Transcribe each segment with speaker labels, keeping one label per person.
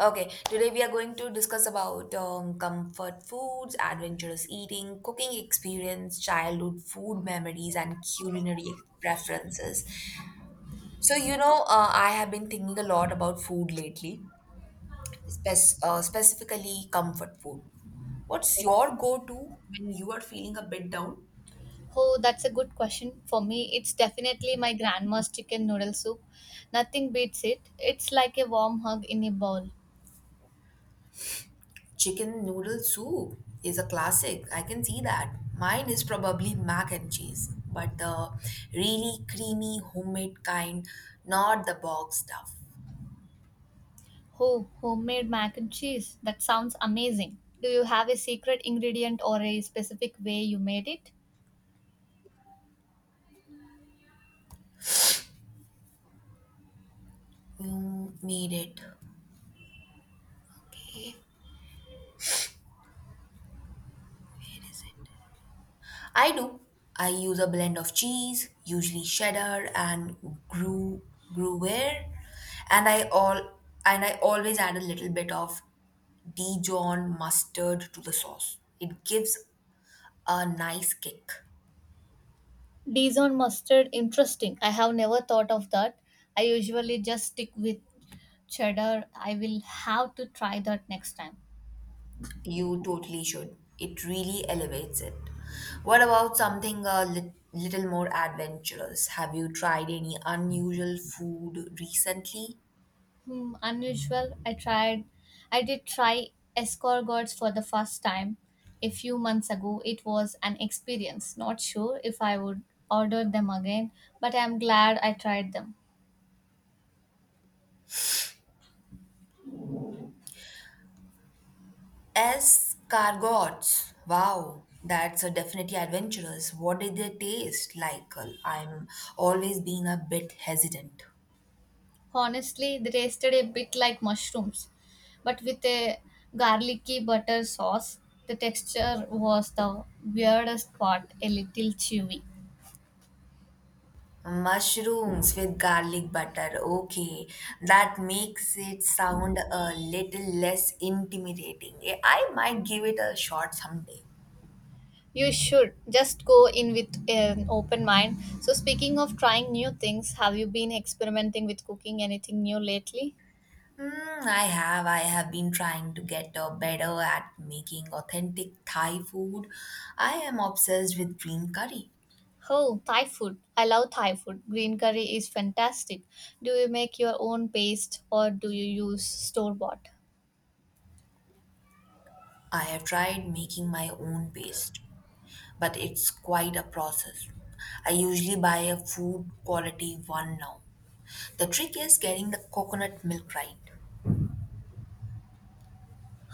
Speaker 1: Okay, today we are going to discuss about comfort foods, adventurous eating, cooking experience, childhood food memories, and culinary preferences. So, I have been thinking a lot about food lately, specifically comfort food. What's your go to when you are feeling a bit down?
Speaker 2: Oh, that's a good question. For me, it's definitely my grandma's chicken noodle soup. Nothing beats it. It's like a warm hug in a bowl.
Speaker 1: Chicken noodle soup is a classic. I can see that. Mine is probably mac and cheese, but the really creamy homemade kind, not the box stuff.
Speaker 2: Oh, homemade mac and cheese. That sounds amazing. Do you have a secret ingredient or a specific way you made it?
Speaker 1: You made it. Okay. I do. I use a blend of cheese, usually cheddar and gru- gruyere, and I all and I always add a little bit of Dijon mustard to the sauce. It gives a nice kick.
Speaker 2: Dijon mustard, interesting. I have never thought of that. I usually just stick with cheddar. I will have to try that next time.
Speaker 1: You totally should. It really elevates it. What about something a little more adventurous? Have you tried any unusual food recently?
Speaker 2: Hmm, unusual. I did try escargots for the first time a few months ago. It was an experience. Not sure if I would order them again, but I'm glad I tried them.
Speaker 1: Escargots. Wow, that's a definitely adventurous. What did they taste like? I'm always being a bit hesitant.
Speaker 2: Honestly, they tasted a bit like mushrooms, but with a garlicky butter sauce. The texture was the weirdest part, a little chewy.
Speaker 1: Mushrooms with garlic butter. Okay, that makes it sound a little less intimidating. Eh, I might give it a shot someday.
Speaker 2: You should just go in with an open mind. So, speaking of trying new things, have you been experimenting with cooking anything new lately?
Speaker 1: Mm, I have. I have been trying to get better at making authentic Thai food. I am obsessed with green curry.
Speaker 2: Oh, Thai food. I love Thai food. Green curry is fantastic. Do you make your own paste or do you use store bought?
Speaker 1: I have tried making my own paste, but it's quite a process. I usually buy a food quality one now. The trick is getting the coconut milk right.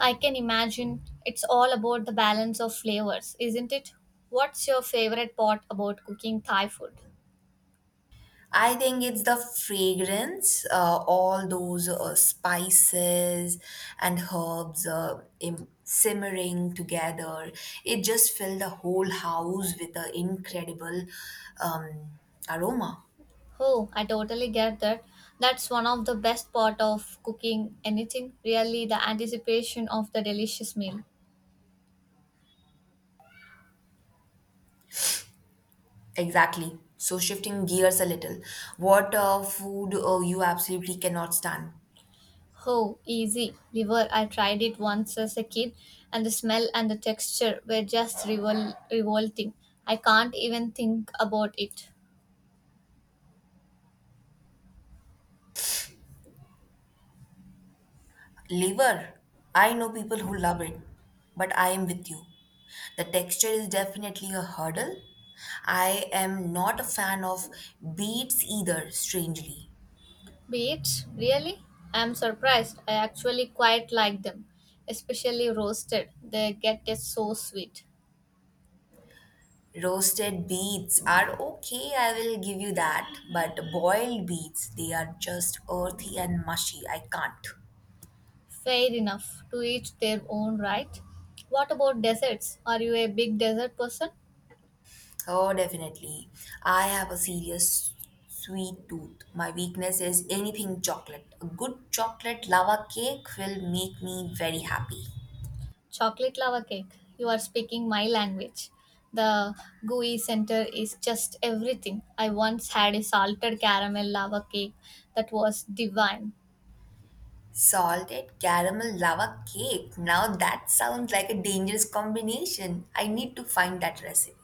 Speaker 2: I can imagine it's all about the balance of flavors, isn't it? What's your favorite part about cooking Thai food?
Speaker 1: I think it's the fragrance, all those spices and herbs simmering together. It just filled the whole house with an incredible um, aroma.
Speaker 2: Oh, I totally get that. That's one of the best part of cooking anything, really the anticipation of the delicious meal.
Speaker 1: Exactly. So shifting gears a little, what food you absolutely cannot stand?
Speaker 2: Oh, easy. Liver, I tried it once as a kid and the smell and the texture were just revolting. I can't even think about it.
Speaker 1: Liver, I know people who love it, but I am with you. The texture is definitely a hurdle. I am not a fan of beets either, strangely.
Speaker 2: Beets, really? I'm surprised. I actually quite like them, especially roasted. They get so sweet.
Speaker 1: Roasted beets are okay, I will give you that, but boiled beets, they are just earthy and mushy. I can't.
Speaker 2: Fair enough, to each their own, right? What about desserts? Are you a big dessert person?
Speaker 1: Oh, definitely. I have a serious sweet tooth. My weakness is anything chocolate. A good chocolate lava cake will make me very happy.
Speaker 2: Chocolate lava cake. You are speaking my language. The gooey center is just everything. I once had a salted caramel lava cake that was divine.
Speaker 1: Salted caramel lava cake. Now that sounds like a dangerous combination. I need to find that recipe.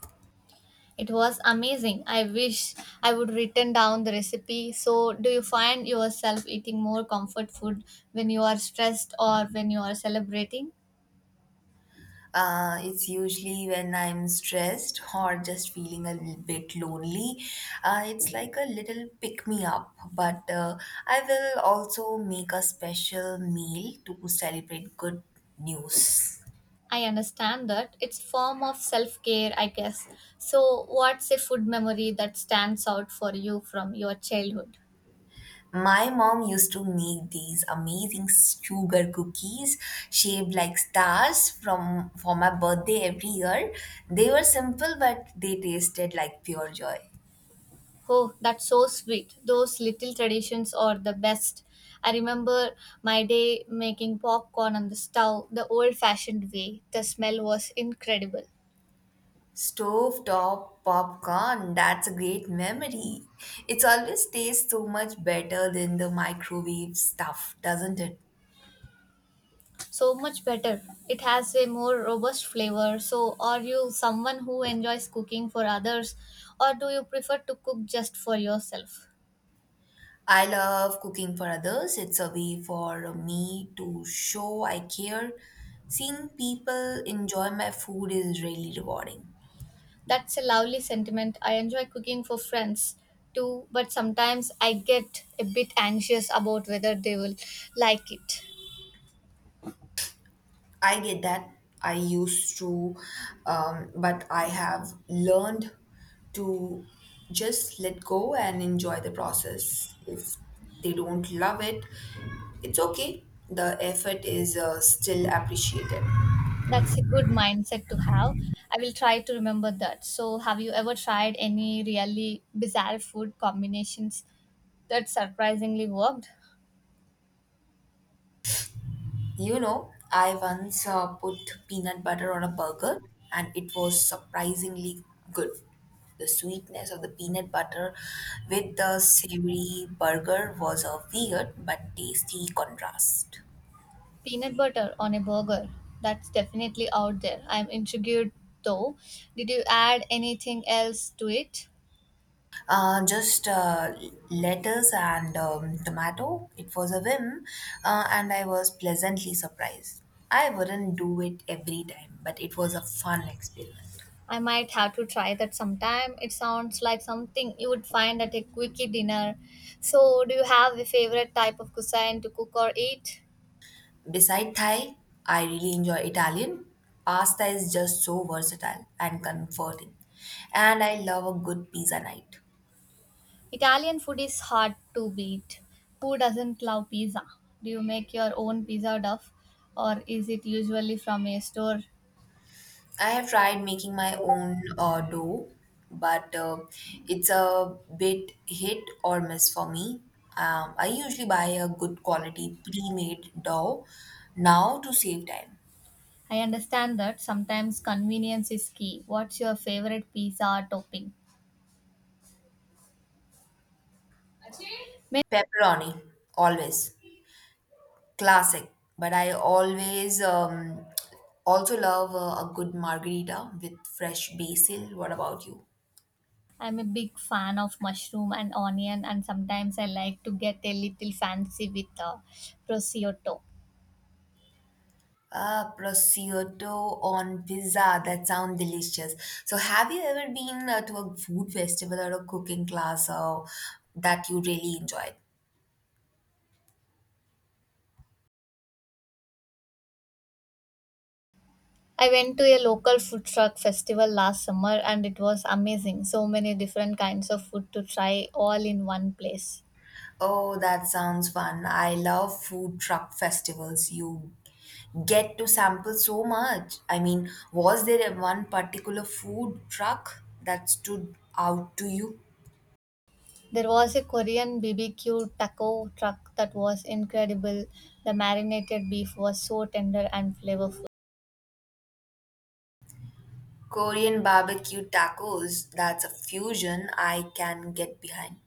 Speaker 2: It was amazing. I wish I would written down the recipe. So, do you find yourself eating more comfort food when you are stressed or when you are celebrating?
Speaker 1: It's usually when I'm stressed or just feeling a little bit lonely. It's like a little pick me up, but I will also make a special meal to celebrate good news.
Speaker 2: I understand that. It's form of self-care, I guess. So, what's a food memory that stands out for you from your childhood?
Speaker 1: My mom used to make these amazing sugar cookies shaped like stars from for my birthday every year. They were simple but they tasted like pure joy.
Speaker 2: Oh, that's so sweet. Those little traditions are the best. I remember my day making popcorn on the stove the old-fashioned way. The smell was incredible.
Speaker 1: Stove top popcorn, that's a great memory. It's always tastes so much better than the microwave stuff, doesn't it?
Speaker 2: So much better. It has a more robust flavor. So, are you someone who enjoys cooking for others or do you prefer to cook just for yourself?
Speaker 1: I love cooking for others. It's a way for me to show I care. Seeing people enjoy my food is really rewarding.
Speaker 2: That's a lovely sentiment. I enjoy cooking for friends too, but sometimes I get a bit anxious about whether they will like it.
Speaker 1: I get that. I used to, but I have learned to just let go and enjoy the process. If they don't love it, it's okay. The effort is still appreciated.
Speaker 2: That's a good mindset to have. I will try to remember that. So, have you ever tried any really bizarre food combinations that surprisingly worked?
Speaker 1: You know, I once put peanut butter on a burger and it was surprisingly good. The sweetness of the peanut butter with the savory burger was a weird but tasty contrast.
Speaker 2: Peanut butter on a burger. That's definitely out there. I'm intrigued though. Did you add anything else to it?
Speaker 1: Just lettuce and tomato. It was a whim, and I was pleasantly surprised. I wouldn't do it every time, but it was a fun experiment.
Speaker 2: I might have to try that sometime. It sounds like something you would find at a quickie dinner. So, do you have a favorite type of cuisine to cook or eat?
Speaker 1: Beside Thai, I really enjoy Italian. Pasta is just so versatile and comforting, and I love a good pizza night.
Speaker 2: Italian food is hard to beat. Who doesn't love pizza? Do you make your own pizza dough or is it usually from a store?
Speaker 1: I have tried making my own dough, but it's a bit hit or miss for me. I usually buy a good quality pre-made dough now to save time.
Speaker 2: I understand that sometimes convenience is key. What's your favorite pizza topping?
Speaker 1: Pepperoni, always classic, but I always also love a good margarita with fresh basil. What about you?
Speaker 2: I'm a big fan of mushroom and onion, and sometimes I like to get a little fancy with prosciutto.
Speaker 1: Ah, prosciutto on pizza. That sounds delicious. So, have you ever been to a food festival or a cooking class that you really enjoyed?
Speaker 2: I went to a local food truck festival last summer, and it was amazing. So many different kinds of food to try all in one place.
Speaker 1: Oh, that sounds fun. I love food truck festivals. You get to sample so much. I mean, was there one particular food truck that stood out to you?
Speaker 2: There was a Korean BBQ taco truck that was incredible. The marinated beef was so tender and flavorful.
Speaker 1: Korean barbecue tacos, that's a fusion I can get behind.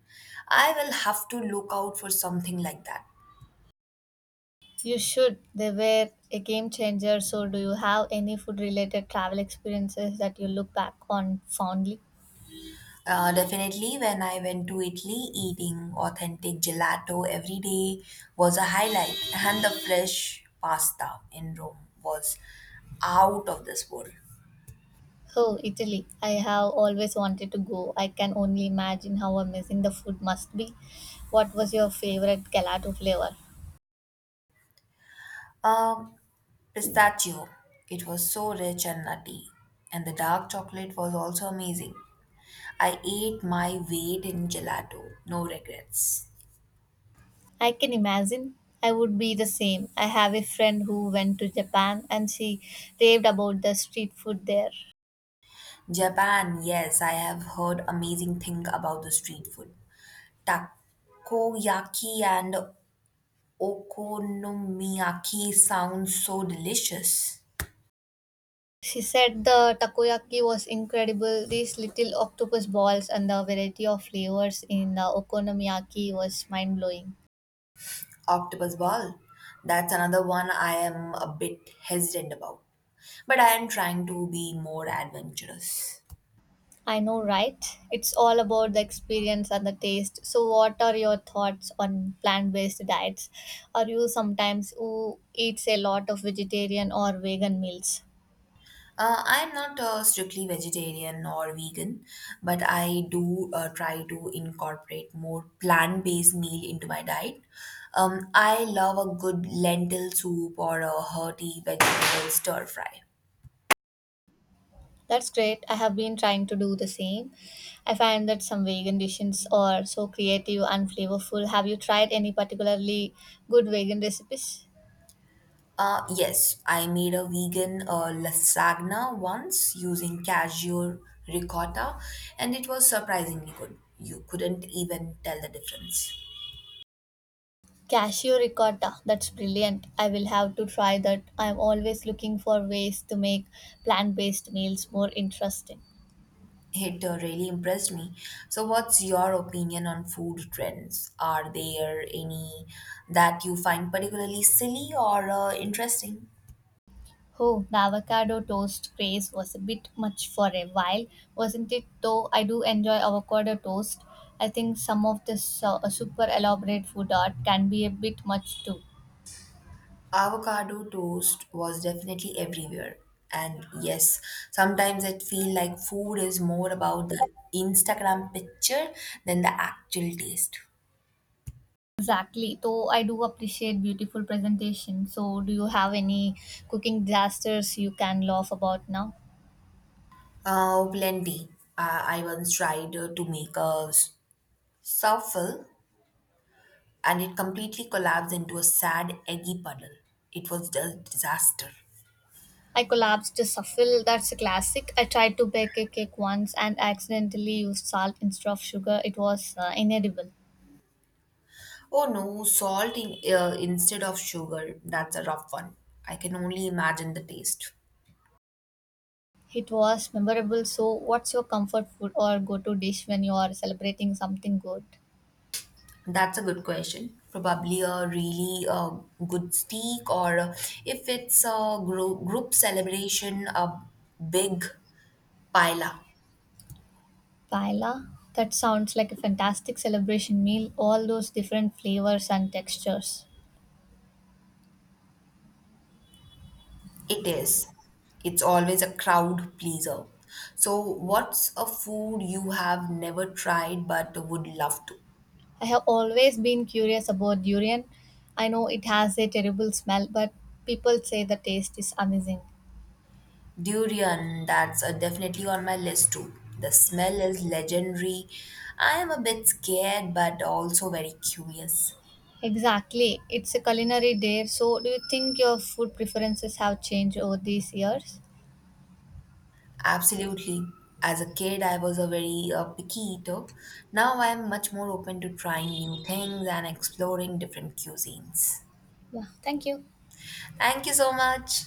Speaker 1: I will have to look out for something like that.
Speaker 2: You should. They were a game changer. So, do you have any food related travel experiences that you look back on fondly?
Speaker 1: Definitely, when I went to Italy, eating authentic gelato every day was a highlight, and the fresh pasta in Rome was out of this world.
Speaker 2: Oh, Italy. I have always wanted to go. I can only imagine how amazing the food must be. What was your favorite gelato flavor?
Speaker 1: Um, Pistachio, it was so rich and nutty, and the dark chocolate was also amazing. I ate my weight in gelato, no regrets.
Speaker 2: I can imagine. I would be the same. I have a friend who went to Japan and she raved about the street food there.
Speaker 1: Japan, yes, I have heard amazing thing about the street food. Takoyaki and okonomiyaki sound so delicious.
Speaker 2: She said the takoyaki was incredible. These little octopus balls and the variety of flavors in the okonomiyaki was mind blowing.
Speaker 1: Octopus ball, that's another one I am a bit hesitant about. But I am trying to be more adventurous.
Speaker 2: I know, right? It's all about the experience and the taste. So, what are your thoughts on plant based diets? Are you sometimes who eats a lot of vegetarian or vegan meals?
Speaker 1: I'm not strictly vegetarian or vegan, but I do try to incorporate more plant-based meal into my diet. I love a good lentil soup or a hearty vegetable stir fry.
Speaker 2: That's great. I have been trying to do the same. I find that some vegan dishes are so creative and flavorful. Have you tried any particularly good vegan recipes?
Speaker 1: Yes, I made a vegan lasagna once using cashew ricotta, and it was surprisingly good. You couldn't even tell the difference.
Speaker 2: Cashew ricotta. That's brilliant. I will have to try that. I'm always looking for ways to make plant based meals more interesting.
Speaker 1: It really impressed me. So, what's your opinion on food trends? Are there any that you find particularly silly or interesting?
Speaker 2: Oh, the avocado toast craze was a bit much for a while, wasn't it? Though I do enjoy avocado toast. I think some of this super elaborate food art can be a bit much too.
Speaker 1: Avocado toast was definitely everywhere. And yes, sometimes it feel like food is more about the Instagram picture than the actual taste.
Speaker 2: Exactly. Though I do appreciate beautiful presentation. So, do you have any cooking disasters you can laugh about now?
Speaker 1: Oh, plenty. I once tried to make a souffle and it completely collapsed into a sad, eggy puddle. It was a disaster.
Speaker 2: I collapsed a suffle. That's a classic. I tried to bake a cake once and accidentally used salt instead of sugar. It was inedible.
Speaker 1: Oh no, salt in, instead of sugar. That's a rough one. I can only imagine the taste.
Speaker 2: It was memorable. So, what's your comfort food or go to dish when you are celebrating something good?
Speaker 1: That's a good question. Probably a really good steak, or if it's a group celebration, a big paella.
Speaker 2: Paella? That sounds like a fantastic celebration meal, all those different flavors and textures.
Speaker 1: It is. It's always a crowd pleaser. So, what's a food you have never tried but would love to?
Speaker 2: I have always been curious about durian. I know it has a terrible smell, but people say the taste is amazing.
Speaker 1: Durian, that's definitely on my list too. The smell is legendary. I am a bit scared, but also very curious.
Speaker 2: Exactly. It's a culinary dare. So, do you think your food preferences have changed over these years?
Speaker 1: Absolutely. As a kid, I was a very picky eater. Now I am much more open to trying new things and exploring different cuisines.
Speaker 2: Yeah, thank you.
Speaker 1: Thank you so much.